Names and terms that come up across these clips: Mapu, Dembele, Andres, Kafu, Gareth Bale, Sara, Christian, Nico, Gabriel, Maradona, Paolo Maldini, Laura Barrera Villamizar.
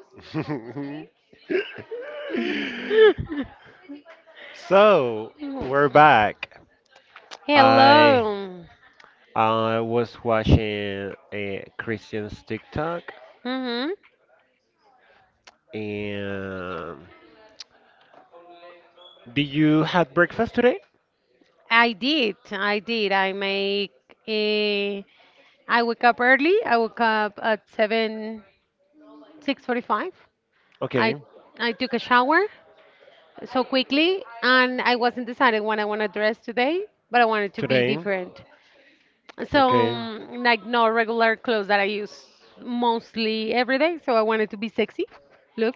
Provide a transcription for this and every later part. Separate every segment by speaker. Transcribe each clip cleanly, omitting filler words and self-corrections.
Speaker 1: So we're back. I I was watching a Christian's TikTok and did you have breakfast today? Okay, today. Okay.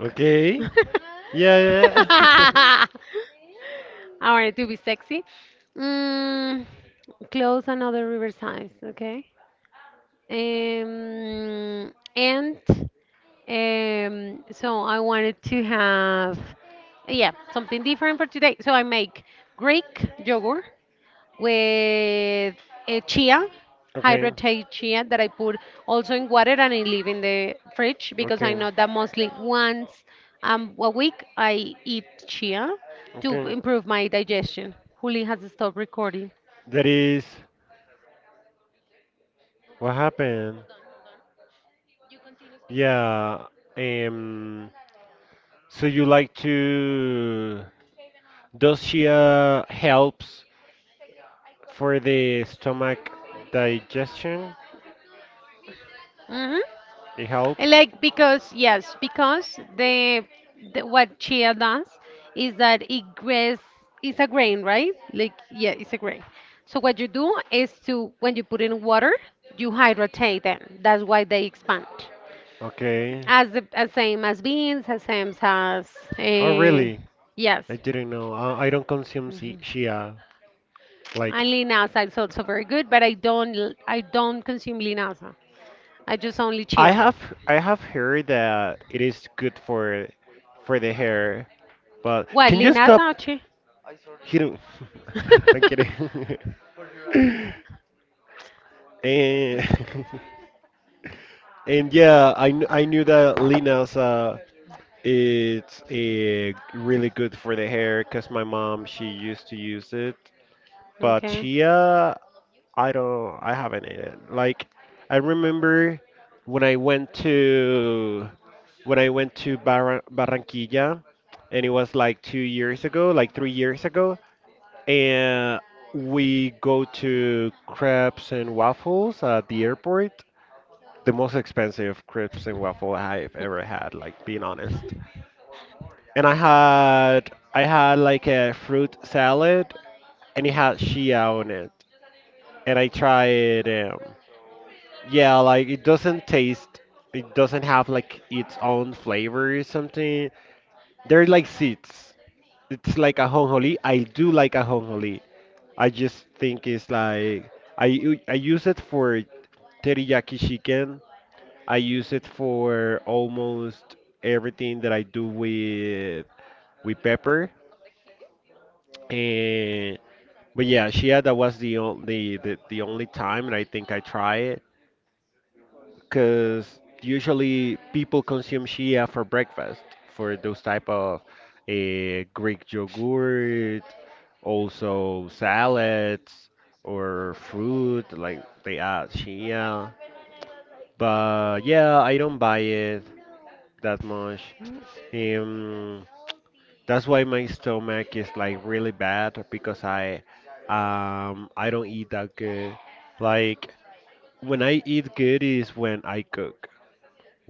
Speaker 1: Okay. Yeah, yeah. Okay. Okay. Okay. That is what happened. Yeah. Um. So you like to? Does she helps for the stomach digestion?
Speaker 2: Mhm.
Speaker 1: It helps.
Speaker 2: Like because yes, because the what chia does is that it grains it's a grain, right? Like yeah, it's a grain. So what you do is to when you put in water, you hydrate them. That's why they expand.
Speaker 1: Okay.
Speaker 2: As the as same as beans, as same as
Speaker 1: Oh,
Speaker 2: uh,
Speaker 1: really? I
Speaker 2: yes.
Speaker 1: didn't know. I don't consume Shia. Like,
Speaker 2: And linasa is also very good, but I don't consume linasa. I just only
Speaker 1: I
Speaker 2: chia.
Speaker 1: have I have heard that it is good for the hair, but
Speaker 2: What,
Speaker 1: can you stop
Speaker 2: linasa or chia?
Speaker 1: hitting? I'm kidding. and and yeah, I knew that Lina's it's a really good for the hair because my mom she used to use it, but
Speaker 2: Okay.
Speaker 1: Chia I don't. I haven't ate it. Like, I remember when I went to when I went to Barranquilla, and it was like 2 years ago, like 3 years ago, and we go to crepes and waffles at the airport. The most expensive crepes and waffle I've ever had, like being honest. And I had like a fruit salad, and it had chia on it, and I tried. Yeah, like it doesn't taste, it doesn't have like its own flavor or something. They're like seeds. It's like a honjoli. I do like a honjoli. I just think it's like I use it for teriyaki chicken. I use it for almost everything that I do with pepper. And but yeah, shia that was the only the only time and I think I try it, because usually people consume shea for breakfast for those type of Greek yogurt, also salads or fruit like they add shea. But yeah, I don't buy it that much. Um, that's why my stomach is like really bad because I don't eat that good. Like when I eat good is when I cook.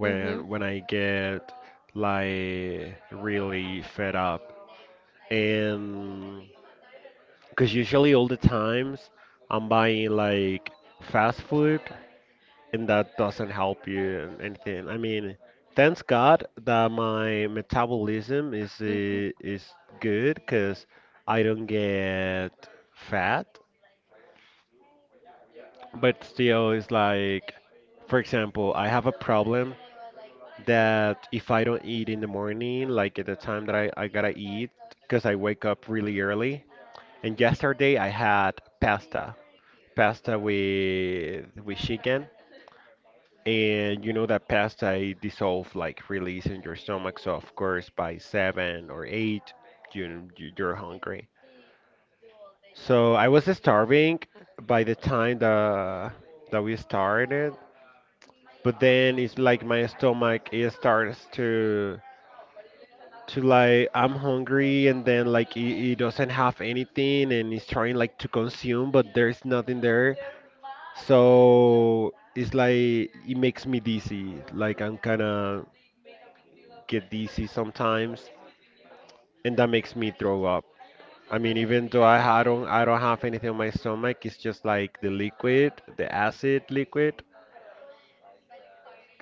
Speaker 2: Hmm.
Speaker 1: when I get like really fed up. And because usually all the times I'm buying like fast food and that doesn't help you and anything. I mean, thanks God that my metabolism
Speaker 2: Hmm.
Speaker 1: is good because I don't get fat. But still, it's like, for example, I have a problem that if I don't eat in the morning, like at the time that I gotta eat, because I wake up really early. And yesterday I had pasta, with chicken, and you know that pasta it dissolves like really easy in your stomach. So of course by seven or eight, you're hungry. So I was starving by the time the that we started, but then it's like my stomach it starts to like I'm hungry and then like it he doesn't have anything and it's trying like to consume but there's nothing there, so it's like it makes me dizzy like I'm kinda get dizzy sometimes and that makes me throw up. I mean even though I don't have anything on my stomach, it's just like the liquid, the acid liquid,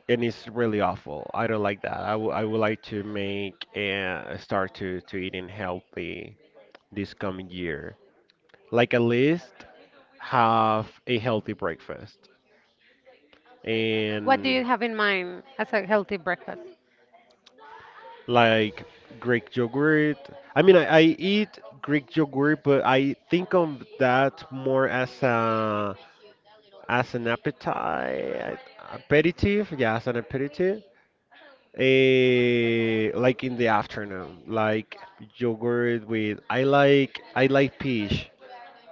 Speaker 1: and it's really awful. I don't like that. I would like to make and start to eating healthy this coming year, like at least have a healthy breakfast
Speaker 2: What do
Speaker 1: and
Speaker 2: you have in mind as a healthy breakfast?
Speaker 1: like Greek yogurt. I mean, I eat Greek yogurt, but I think of that more as an appetite aperitif. Yeah, as an aperitif. Like in the afternoon, like yogurt with I like peach.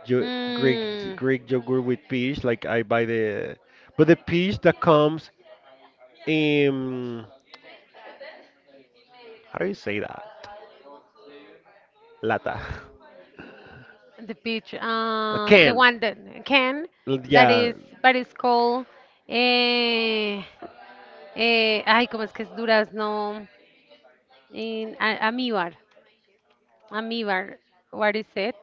Speaker 1: Yo,
Speaker 2: Hmm,
Speaker 1: Greek yogurt with peach. Like I buy the but the peach that comes um how do you say that, lata.
Speaker 2: the peach,
Speaker 1: A
Speaker 2: the
Speaker 1: can.
Speaker 2: one that can, that
Speaker 1: Yeah,
Speaker 2: is, but it's called, eh, ay, ¿cómo es que es durazno? Amíbar, amíbar, what is it?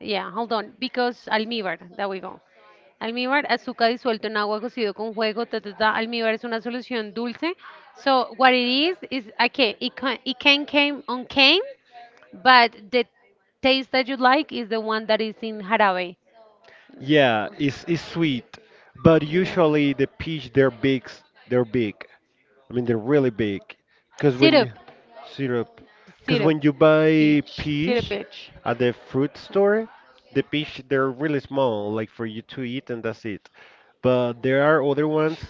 Speaker 2: Yeah, hold on, because almíbar, there we go. Almíbar, azúcar disuelto en agua cocido con jugo, ta, ta, ta. Almíbar es una solución dulce. So what it is okay, it can came on cane, but the taste that you like is the one that is in jarabe.
Speaker 1: yeah, it's sweet, but
Speaker 2: Yes.
Speaker 1: usually the peach they're big, they're big I mean they're really big, because when
Speaker 2: Syrup,
Speaker 1: you syrup, because
Speaker 2: syrup,
Speaker 1: when you buy
Speaker 2: peach, syrup,
Speaker 1: peach
Speaker 2: peach.
Speaker 1: at the fruit store the peach they're really small like for you to eat and that's it, but there are other ones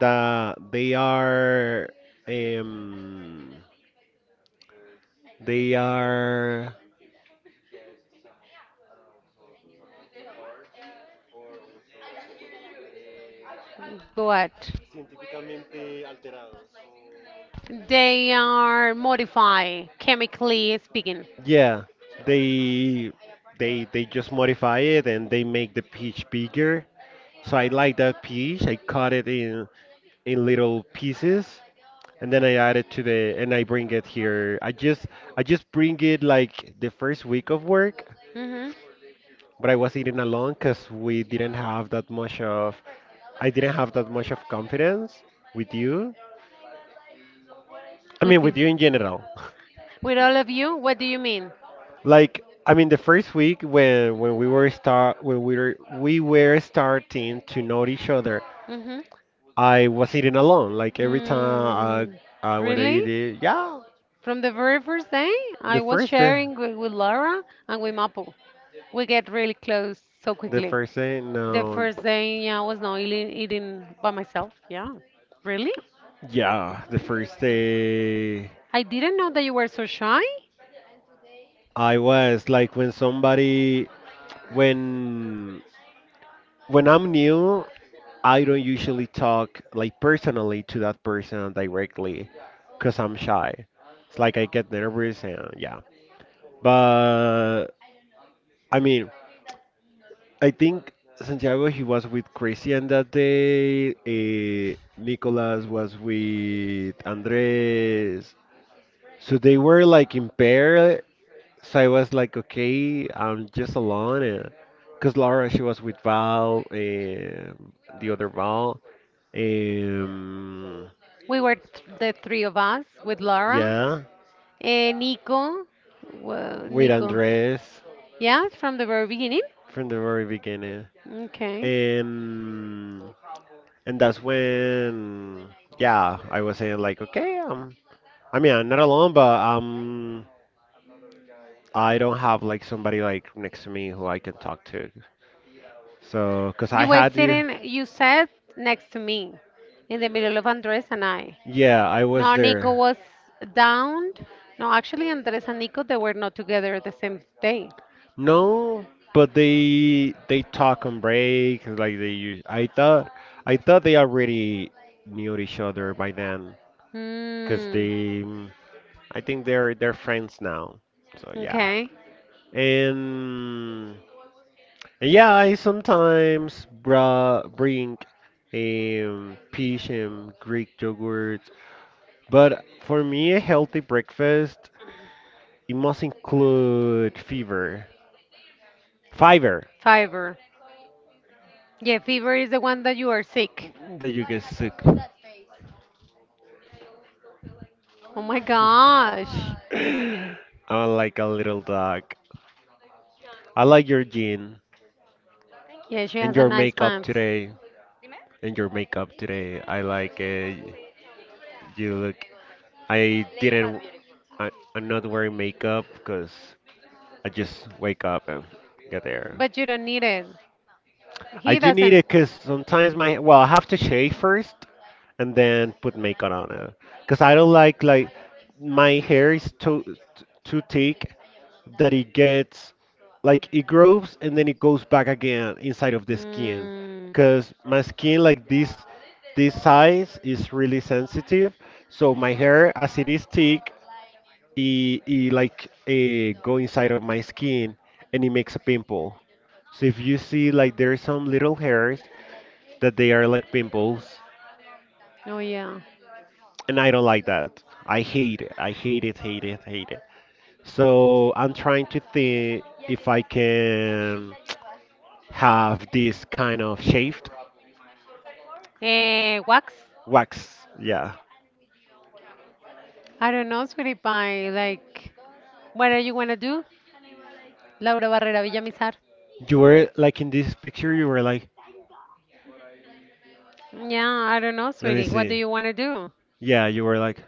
Speaker 1: that um they are
Speaker 2: But
Speaker 1: científicamente alterados.
Speaker 2: they are modified chemically speaking.
Speaker 1: Yeah, they they just modify it and they make the peach bigger. So I like that peach. I cut it in little pieces and then I add it to the and I bring it here. I just bring it like the first week of work,
Speaker 2: Mm-hmm.
Speaker 1: but I was eating alone because we didn't have that much of I didn't have that much of confidence with you. I mean
Speaker 2: With the,
Speaker 1: with you in general.
Speaker 2: with all of you, what do you mean?
Speaker 1: Like I mean, the first week when we were starting to know each other,
Speaker 2: Mm-hmm.
Speaker 1: I was eating alone. Like every time
Speaker 2: Mm,
Speaker 1: I when I eat
Speaker 2: really?
Speaker 1: it, yeah,
Speaker 2: From the very first day, I
Speaker 1: the
Speaker 2: was
Speaker 1: first day,
Speaker 2: sharing with Laura and with Mapu. We get really close so
Speaker 1: the
Speaker 2: quickly.
Speaker 1: first day,
Speaker 2: The
Speaker 1: no,
Speaker 2: first day, yeah, I was not eating by myself. Yeah. Really?
Speaker 1: yeah, the first day.
Speaker 2: I didn't know that you were so shy.
Speaker 1: I was like, when somebody, when when I'm new, I don't usually talk like personally to that person directly because I'm shy. It's like I get nervous and yeah. But I mean, I think Santiago he was with Christian that day. Nicolas was with Andres. So they were like in pair. So I was like, okay, I'm just alone. Because Laura she was with Val and the other Val. Um,
Speaker 2: The three of us with Laura
Speaker 1: yeah,
Speaker 2: and Nico. Well,
Speaker 1: with
Speaker 2: Nico.
Speaker 1: Andres
Speaker 2: Yeah, from the very beginning.
Speaker 1: from the very beginning.
Speaker 2: Okay.
Speaker 1: and and that's when, yeah, I was saying like, okay, I mean, I'm not alone, but I don't have like somebody like next to me who I can talk to. So, cause I
Speaker 2: You were
Speaker 1: had you,
Speaker 2: sitting, you sat next to me in the middle of Andres and I.
Speaker 1: yeah, I was
Speaker 2: No, Nico
Speaker 1: there.
Speaker 2: was down. No, actually, Andres and Nico, they were not together the same day.
Speaker 1: No, but they talk on break like they use. I thought they already knew each other by then, cause
Speaker 2: Hmm.
Speaker 1: they I think they're friends now. So yeah,
Speaker 2: Okay.
Speaker 1: and, and yeah, I sometimes bra bring peach and Greek yogurt, but for me a healthy breakfast it must include fiber
Speaker 2: Fiverr. Yeah, fever is the one that you are sick.
Speaker 1: that you get sick.
Speaker 2: Oh my gosh.
Speaker 1: I'm like a little dog. I like your jean
Speaker 2: Yeah, she has
Speaker 1: and
Speaker 2: a
Speaker 1: your
Speaker 2: nice
Speaker 1: makeup
Speaker 2: pants.
Speaker 1: today. And your makeup today. I like it. You look. I didn't. I, I'm not wearing makeup because I just wake up and get there.
Speaker 2: But you don't need it.
Speaker 1: I
Speaker 2: He
Speaker 1: do need
Speaker 2: doesn't.
Speaker 1: it because sometimes my well, I have to shave first and then put makeup on it because I don't like, my hair is too thick, that it gets like it grows and then it goes back again inside of the skin,
Speaker 2: Mm.
Speaker 1: because my skin like this size is really sensitive, so my hair as it is thick it like go inside of my skin and it makes a pimple. So if you see, like there are some little hairs that they are like pimples,
Speaker 2: Oh yeah.
Speaker 1: and I don't like that. I hate it. I hate it, hate it, hate it. So I'm trying to think if I can have this kind of shaved.
Speaker 2: Eh, wax?
Speaker 1: Wax. Yeah.
Speaker 2: I don't know, sweetie pie. Like, what are you gonna do? Laura Barrera Villamizar.
Speaker 1: You were like in this picture you were like,
Speaker 2: Yeah, I don't know,
Speaker 1: let me
Speaker 2: sweetie. What do
Speaker 1: see.
Speaker 2: you want to do?
Speaker 1: Yeah, you were like,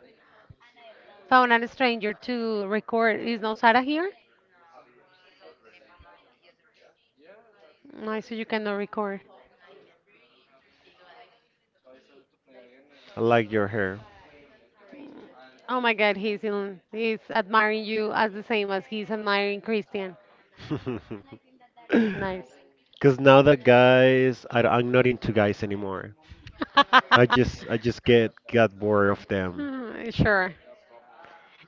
Speaker 2: Found a stranger to record. Is no Sara here? I so you cannot record.
Speaker 1: I like your hair.
Speaker 2: Oh my God, he's in, he's admiring you as the same as he's admiring Christian. Nice.
Speaker 1: Because now that guys, am not into guys anymore. I just get got bored of them.
Speaker 2: Mm, sure.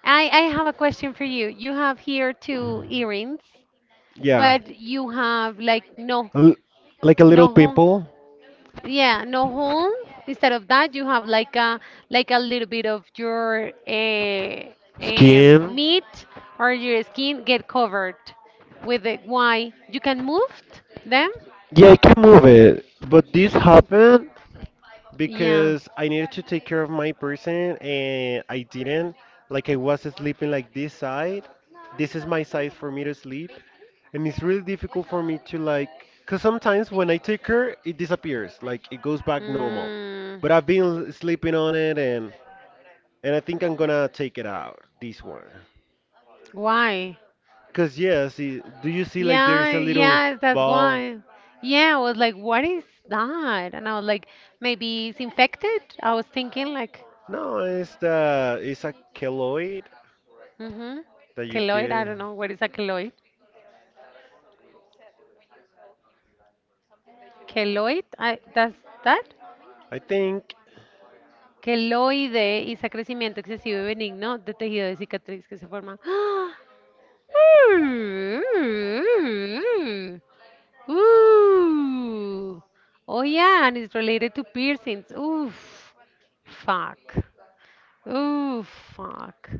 Speaker 2: I have a question for you. You have here two earrings,
Speaker 1: Yeah,
Speaker 2: but you have like no,
Speaker 1: a like a little
Speaker 2: no.
Speaker 1: pimple,
Speaker 2: Yeah, no hole. Instead of that, you have like a little bit of your
Speaker 1: skin.
Speaker 2: meat or your skin get covered with the. Why? You can move t- them?
Speaker 1: Yeah, I can move it, but this happened
Speaker 2: Yeah.
Speaker 1: because I needed to take care of my person and I didn't. Like I was sleeping like this side. This is my side for me to sleep, and it's really difficult for me to, like, because sometimes when I take her it disappears, like it goes back normal,
Speaker 2: Mm.
Speaker 1: but I've been sleeping on it, and I think I'm gonna take it out, this one,
Speaker 2: Why?
Speaker 1: because, yeah, see, do you see like
Speaker 2: Yeah,
Speaker 1: there's a little
Speaker 2: yeah, that's
Speaker 1: ball?
Speaker 2: why. Yeah, I was like, what is that? And I was like, maybe it's infected. I was thinking like,
Speaker 1: No, it's a keloid
Speaker 2: mm-hmm,
Speaker 1: that you
Speaker 2: keloid. I
Speaker 1: get,
Speaker 2: don't know what is a keloid. Keloid, I, that's that.
Speaker 1: I think.
Speaker 2: Keloide is a crecimiento excesivo y benigno de tejido de cicatriz que se forma. Ooh. Oh yeah, and it's related to piercings. Oof. Fuck. Ooh, fuck.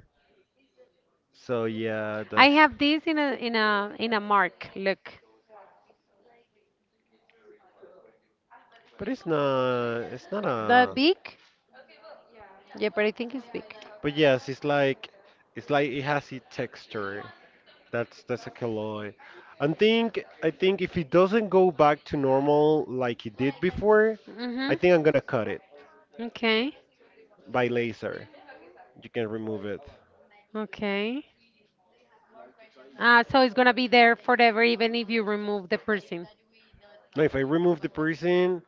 Speaker 1: So yeah,
Speaker 2: I
Speaker 1: that's,
Speaker 2: have this in a mark. Look.
Speaker 1: but it's not
Speaker 2: The
Speaker 1: a,
Speaker 2: big? Yeah, but I think it's big.
Speaker 1: but yes, it's like, it has its texture. That's a killer. I think if it doesn't go back to normal like it did before, I
Speaker 2: Mm-hmm.
Speaker 1: think I'm gonna cut it
Speaker 2: Okay.
Speaker 1: by laser. You can remove it.
Speaker 2: Okay. So it's gonna be there forever even if you remove the piercing.
Speaker 1: No, if I remove the piercing,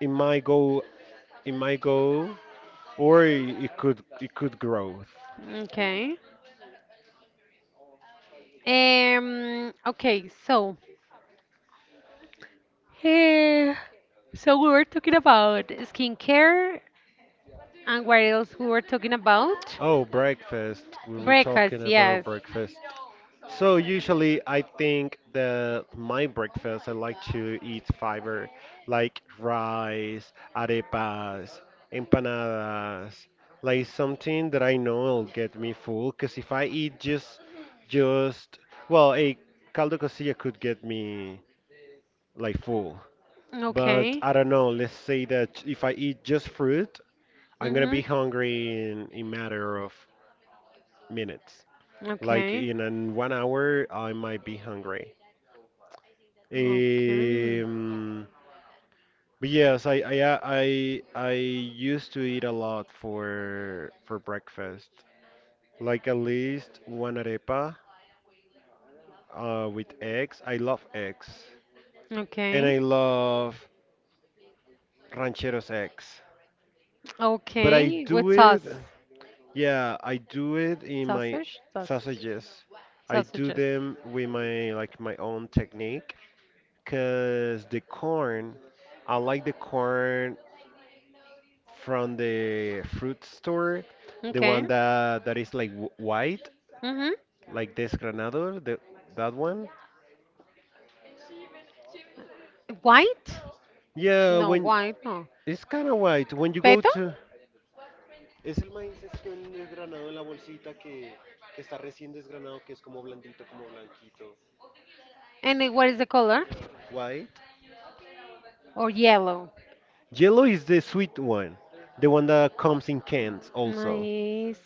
Speaker 1: it might go, it might go, or it could grow.
Speaker 2: Okay. Okay, so eh, so we were talking about skincare. And what else we were talking about?
Speaker 1: Oh, breakfast. We were
Speaker 2: Breakfast,
Speaker 1: talking about
Speaker 2: yes.
Speaker 1: breakfast. So usually I think that my breakfast I like to eat fiber like rice, arepas, empanadas, like something that I know will get me full, because if I eat just, well, a caldo cosilla could get me like full. But
Speaker 2: Okay.
Speaker 1: I don't know, let's say that if I eat just fruit, I'm gonna
Speaker 2: Mm-hmm.
Speaker 1: be hungry in a matter of minutes. Like
Speaker 2: Okay.
Speaker 1: in an 1 hour, I might be hungry.
Speaker 2: Okay.
Speaker 1: Um, but yes, I used to eat a lot for breakfast. Like at least one arepa with eggs. I love eggs, and
Speaker 2: Okay.
Speaker 1: I love rancheros eggs. But I
Speaker 2: Okay.
Speaker 1: do
Speaker 2: With
Speaker 1: it,
Speaker 2: sauce.
Speaker 1: yeah, I do it in my
Speaker 2: Sausage? Sausage.
Speaker 1: sausages. I do
Speaker 2: Sausages.
Speaker 1: them with my, like, my own technique, because the corn, I like the corn from the fruit store, the
Speaker 2: Okay.
Speaker 1: one that is like white,
Speaker 2: Mm-hmm.
Speaker 1: like desgranado, the that one.
Speaker 2: White?
Speaker 1: Yeah,
Speaker 2: No,
Speaker 1: when
Speaker 2: white, no.
Speaker 1: it's kind of white. When you go
Speaker 2: Peto?
Speaker 1: to Es el maíz recién desgranado en la bolsita que, que está recién desgranado, que es como blandito, como blanquito.
Speaker 2: And it- what is the color?
Speaker 1: White.
Speaker 2: Or yellow?
Speaker 1: Yellow is the sweet one. The one that comes in cans also.
Speaker 2: Maíz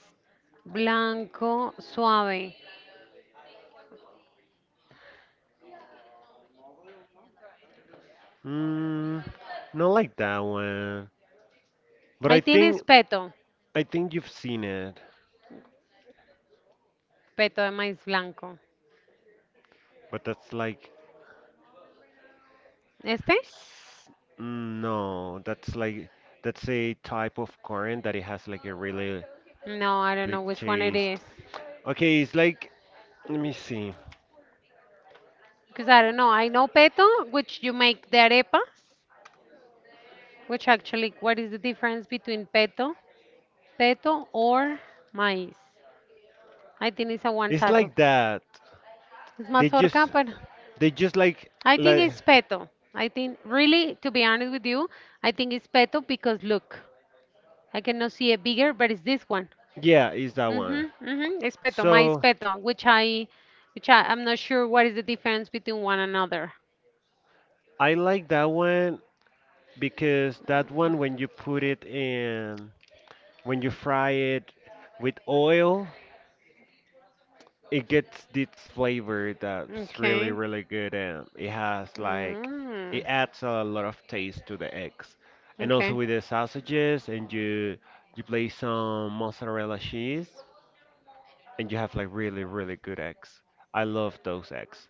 Speaker 2: blanco suave.
Speaker 1: Mm, not like that one. But
Speaker 2: I
Speaker 1: I
Speaker 2: think
Speaker 1: think
Speaker 2: it's peto.
Speaker 1: I think you've seen it.
Speaker 2: Peto de maíz blanco.
Speaker 1: But that's like
Speaker 2: Este?
Speaker 1: mm, no, that's like that's a type of current that it has like a really
Speaker 2: No, I don't
Speaker 1: big
Speaker 2: know which one it is.
Speaker 1: taste. Okay, it's like let me see.
Speaker 2: Because I don't know. I know peto, which you make the arepas. Which actually, what is the difference between peto or maíz? I think it's a one
Speaker 1: It's
Speaker 2: type of.
Speaker 1: like that.
Speaker 2: It's
Speaker 1: They just
Speaker 2: mazorca, but
Speaker 1: they just
Speaker 2: I think
Speaker 1: like
Speaker 2: it's peto. I think, really, to be honest with you, I think it's peto because look. I cannot see a bigger, but it's this one.
Speaker 1: yeah, it's that one.
Speaker 2: Mhm, mhm. Espeto, my
Speaker 1: So
Speaker 2: espeto, which I, I'm not sure what is the difference between one another.
Speaker 1: I like that one because that one when you put it in when you fry it with oil it gets this flavor that's really
Speaker 2: Okay.
Speaker 1: really good and it has like it
Speaker 2: Mm,
Speaker 1: adds a lot of taste to the eggs and also
Speaker 2: okay.
Speaker 1: with the sausages and you place some mozzarella cheese and you have like really really good eggs. I love those eggs.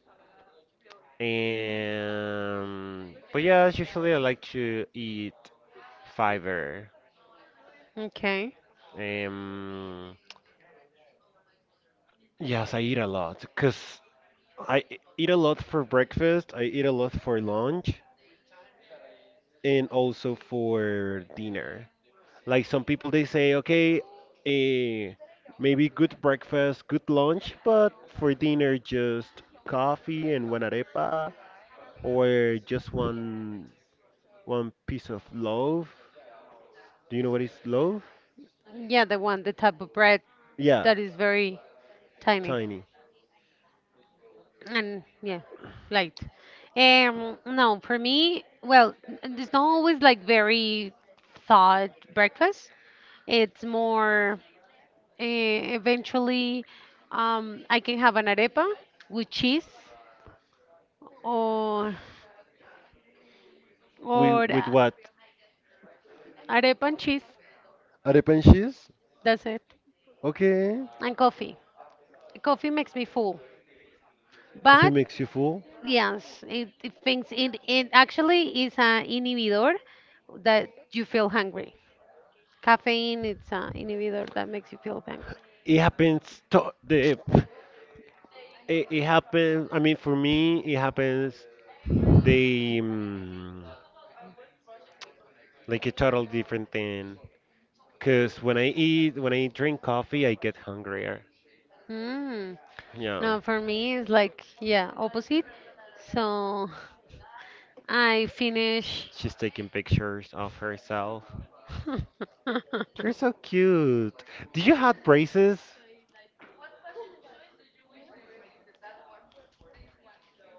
Speaker 1: And but yeah, usually I like to eat fiber.
Speaker 2: Okay.
Speaker 1: Um yes I eat a lot because I eat a lot for breakfast. I eat a lot for lunch and also for dinner. Like some people, they say, okay, eh, maybe good breakfast, good lunch, but for dinner, just coffee and one arepa or just one piece of loaf. Do you know what is loaf?
Speaker 2: Yeah, the one, the type of bread
Speaker 1: Yeah,
Speaker 2: that is very tiny.
Speaker 1: tiny.
Speaker 2: And yeah, right. No, for me, well, it's not always like very thought breakfast. It's more eventually I can have an arepa with cheese or or
Speaker 1: With what?
Speaker 2: arepa and cheese.
Speaker 1: Arepa and cheese?
Speaker 2: That's it.
Speaker 1: Okay.
Speaker 2: And coffee. Coffee makes me full.
Speaker 1: Coffee
Speaker 2: But
Speaker 1: makes you full.
Speaker 2: yes, it actually is an inhibitor that you feel hungry. Caffeine, it's an inhibitor that makes you feel bang.
Speaker 1: It happens to the It happens. I mean, for me, it happens. They like a total different thing. Cause when I drink coffee, I get hungrier.
Speaker 2: Mm.
Speaker 1: Yeah,
Speaker 2: No, for me it's like yeah, opposite. So I finish.
Speaker 1: she's taking pictures of herself. You're so cute. Did you have braces?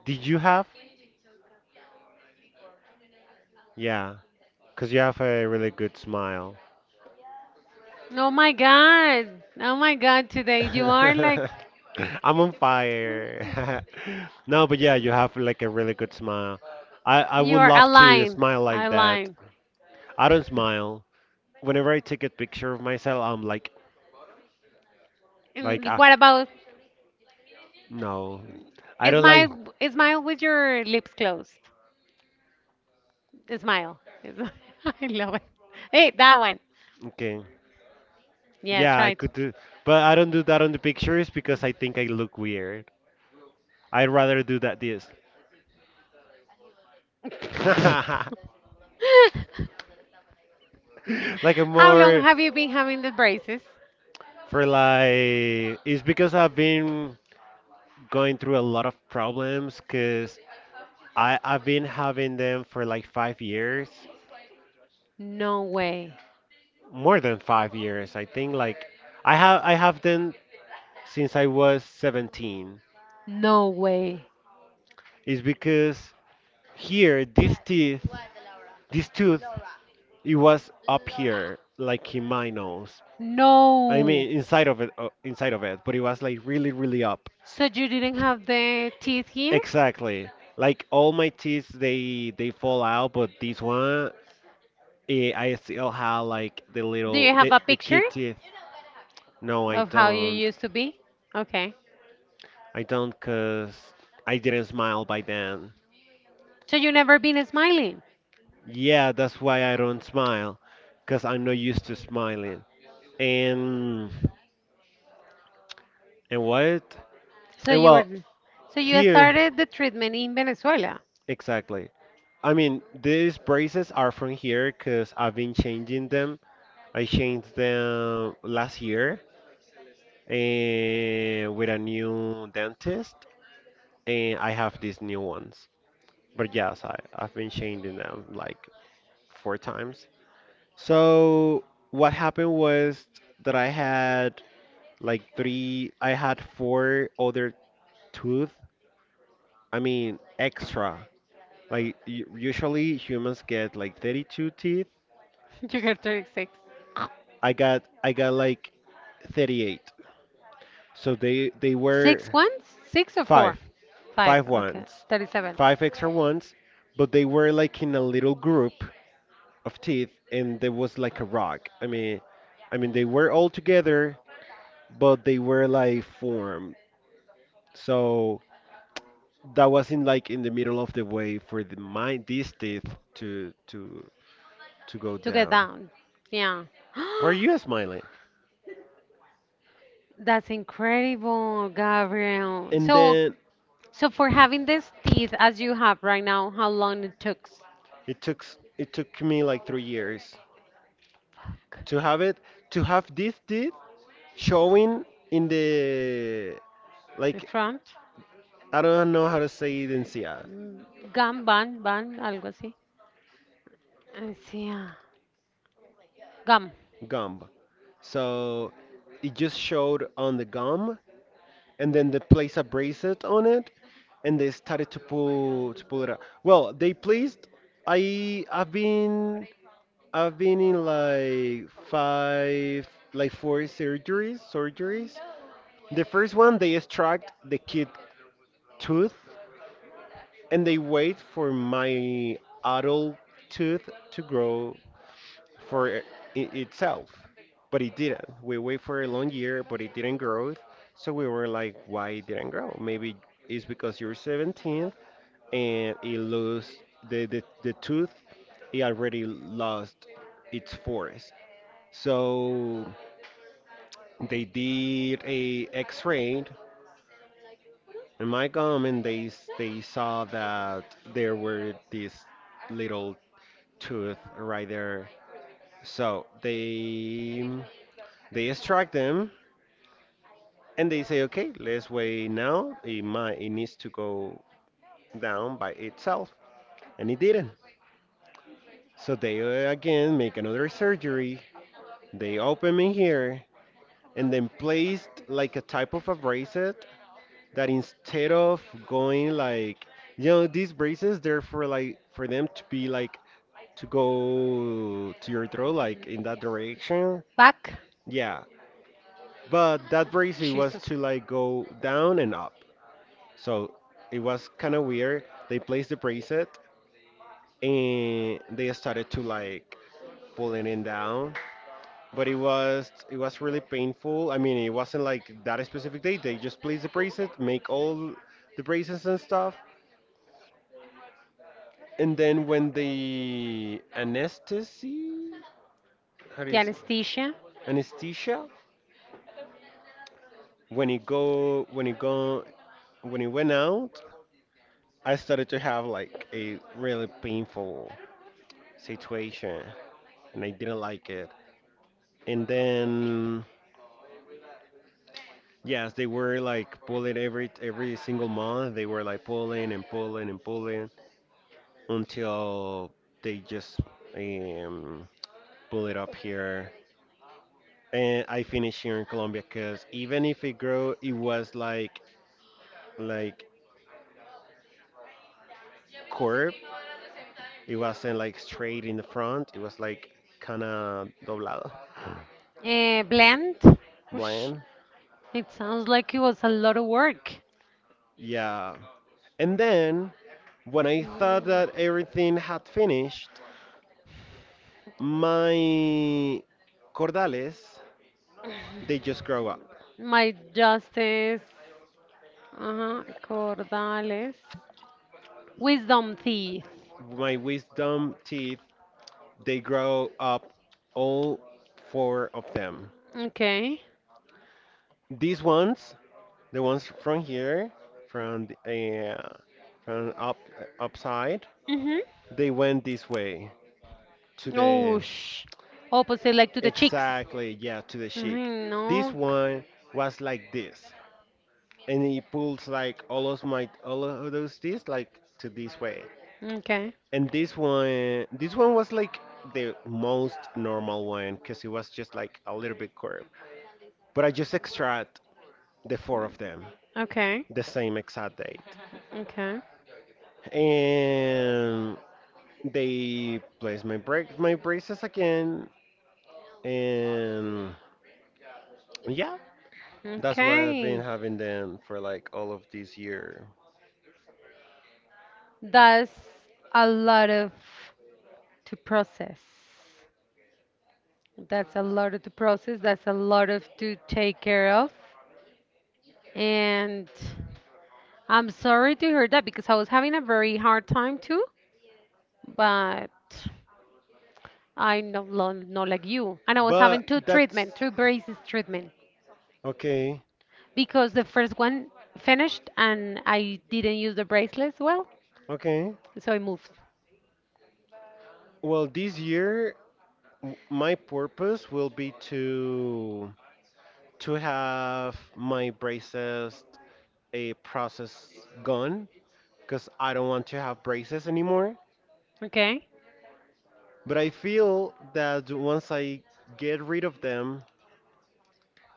Speaker 1: Did you have? Yeah, cause you have a really good smile.
Speaker 2: Oh my god! Oh my god! Today you are like
Speaker 1: I'm on fire. No, but yeah, you have like a really good smile. I
Speaker 2: you
Speaker 1: would
Speaker 2: are
Speaker 1: love to
Speaker 2: aligned,
Speaker 1: smile like that.
Speaker 2: aligned.
Speaker 1: I don't smile. Whenever I take a picture of myself, I'm like
Speaker 2: And
Speaker 1: ah
Speaker 2: what about
Speaker 1: no. I don't like
Speaker 2: smile? Smile with your lips closed. Smile. Smile. I love it. Hey, that one.
Speaker 1: okay.
Speaker 2: Yeah,
Speaker 1: Yeah,
Speaker 2: try
Speaker 1: I
Speaker 2: it.
Speaker 1: could do, but I don't do that on the pictures because I think I look weird. I'd rather do that this. Like a
Speaker 2: How long
Speaker 1: more
Speaker 2: have you been having the braces?
Speaker 1: for like it's because I've been going through a lot of problems because I've been having them for like 5 years,
Speaker 2: No way.
Speaker 1: more than 5 years. I think like I have them since I was 17.
Speaker 2: No way.
Speaker 1: It's because here this teeth, this tooth, it was up here like in my nose. I
Speaker 2: No.
Speaker 1: mean inside of it, but it was like really really up.
Speaker 2: So you didn't have the teeth here?
Speaker 1: Exactly. Like all my teeth, they fall out, but this one I still have like the
Speaker 2: Do
Speaker 1: little
Speaker 2: you have
Speaker 1: the,
Speaker 2: a
Speaker 1: the
Speaker 2: picture
Speaker 1: kid teeth. No, I
Speaker 2: of how you
Speaker 1: don't.
Speaker 2: used to be? Okay.
Speaker 1: I don't cause I didn't smile by then.
Speaker 2: So you never been smiling.
Speaker 1: Yeah, that's why I don't smile, cause I'm not used to smiling. And and what?
Speaker 2: So
Speaker 1: And
Speaker 2: you were
Speaker 1: well,
Speaker 2: so you
Speaker 1: here
Speaker 2: started the treatment in Venezuela.
Speaker 1: exactly. I mean, these braces are from here cause I've been changing them. I changed them last year with a new dentist, and I have these new ones. But yes, I've been changing them like four times. So what happened was that I had like three, I had four other tooth. I mean, extra. Like usually humans get like 32 teeth.
Speaker 2: You get 36.
Speaker 1: I got like 38. So they
Speaker 2: Six
Speaker 1: were
Speaker 2: ones? Six or four?
Speaker 1: five,
Speaker 2: Five.
Speaker 1: five
Speaker 2: Okay.
Speaker 1: ones,
Speaker 2: 37.
Speaker 1: five extra ones, but they were like in a little group of teeth, and there was like a rock. I mean, they were all together, but they were like formed. So that wasn't like in the middle of the way for these teeth to to to go
Speaker 2: To get
Speaker 1: down.
Speaker 2: down. Yeah.
Speaker 1: Were you smiling?
Speaker 2: That's incredible, Gabriel.
Speaker 1: And
Speaker 2: So,
Speaker 1: then
Speaker 2: so for having these teeth as you have right now, how long it took?
Speaker 1: it took me like 3 years to have it, to have this teeth showing in the
Speaker 2: The
Speaker 1: like.
Speaker 2: front?
Speaker 1: I don't know how to say it in Sia
Speaker 2: Mm, gum, bun, bun, algo así. I see. Ah. Gum.
Speaker 1: gum. So it just showed on the gum, and then they placed a bracelet on it, and they started to pull it out. Well, they placed. I I've been I've been in like five, like four surgeries. The first one they extract the kid tooth, and they wait for my adult tooth to grow for i- itself, but it didn't. We wait for a long year, but it didn't grow. So we were like, why it didn't grow? Maybe it's because you're 17 and it lost the tooth. It already lost its force. So they did a X-ray in my gum, and they saw that there were this little tooth right there. So they extract them. And they say, okay, let's wait now. It might, it needs to go down by itself, and it didn't. So they again make another surgery. They open me here, and then placed like a type of a bracelet that instead of going like, you know, these braces, they're for like for them to be like to go to your throat, like in that direction.
Speaker 2: Back.
Speaker 1: Yeah, but that bracelet was
Speaker 2: Jesus.
Speaker 1: to like go down and up. So it was kind of weird. They placed the bracelet and they started to like pulling it down. But it was really painful. I mean, it wasn't like that specific day. They just placed the bracelet, make all the braces and stuff. And then when the anesthesia, how do
Speaker 2: The
Speaker 1: you say,
Speaker 2: anesthesia.
Speaker 1: anesthesia, when it go when it go when it went out, I started to have like a really painful situation, and I didn't like it. And then yes, they were like pulling every single month. They were like pulling and pulling and pulling until they just um, pull it up here. And I finished here in Colombia because even if it grew, it was like curved. It wasn't like straight in the front. It was like kind of doblado,
Speaker 2: Blend. Whoosh.
Speaker 1: bland.
Speaker 2: It sounds like it was a lot of work.
Speaker 1: Yeah. And then when I thought
Speaker 2: Mm.
Speaker 1: that everything had finished, my cordales, they just grow up.
Speaker 2: My justice. Uh-huh. Cordales. Wisdom teeth.
Speaker 1: My wisdom teeth, they grow up, all four of them.
Speaker 2: Okay.
Speaker 1: These ones, the ones from here, from from up upside,
Speaker 2: Mm-hmm.
Speaker 1: they went this way to
Speaker 2: Oh,
Speaker 1: the
Speaker 2: sh. Opposite, like to the cheeks.
Speaker 1: exactly. Yeah, to the cheek.
Speaker 2: Mm-hmm.
Speaker 1: This
Speaker 2: No.
Speaker 1: one was like this, and it pulls like all of those teeth like to this way.
Speaker 2: Okay.
Speaker 1: And this one was like the most normal one because it was just like a little bit curved. But I just extract the four of them,
Speaker 2: Okay.
Speaker 1: the same exact date,
Speaker 2: Okay.
Speaker 1: and they place my braces again, and yeah, that's why I've been
Speaker 2: Okay.
Speaker 1: having them for like all of this year.
Speaker 2: That's a lot of to process. That's a lot of to process. That's a lot of to take care of. And I'm sorry to hear that because I was having a very hard time too. But I no not like you. And I was
Speaker 1: But
Speaker 2: having
Speaker 1: that's
Speaker 2: two braces treatment
Speaker 1: okay,
Speaker 2: because the first one finished and I didn't use the bracelets well,
Speaker 1: okay.
Speaker 2: so I moved.
Speaker 1: Well, this year my purpose will be to have my braces a process gone because I don't want to have braces anymore.
Speaker 2: Okay,
Speaker 1: But I feel that once I get rid of them,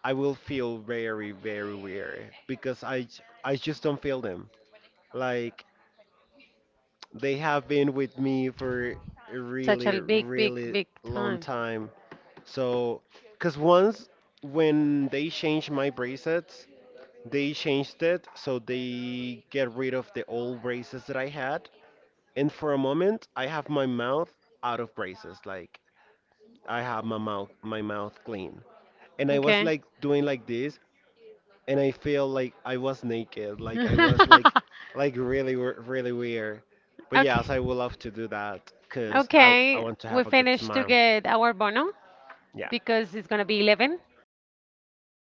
Speaker 1: I will feel very very weird because I just don't feel them. Like they have been with me for a
Speaker 2: such
Speaker 1: really
Speaker 2: a big, big,
Speaker 1: really
Speaker 2: big
Speaker 1: long
Speaker 2: time.
Speaker 1: time. So, because once when they change my bracelets, they changed it, so they get rid of the old braces that I had. And for a moment, I have my mouth out of braces. Like I have my mouth clean. And I was
Speaker 2: Okay.
Speaker 1: like doing like this, and I feel like I was naked. Like I was like really, really weird. But
Speaker 2: Okay.
Speaker 1: yes, I would love to do that because I
Speaker 2: Okay,
Speaker 1: want to
Speaker 2: we
Speaker 1: have a good
Speaker 2: finished to
Speaker 1: smile.
Speaker 2: get our bono
Speaker 1: Yeah.
Speaker 2: because it's gonna be 11. So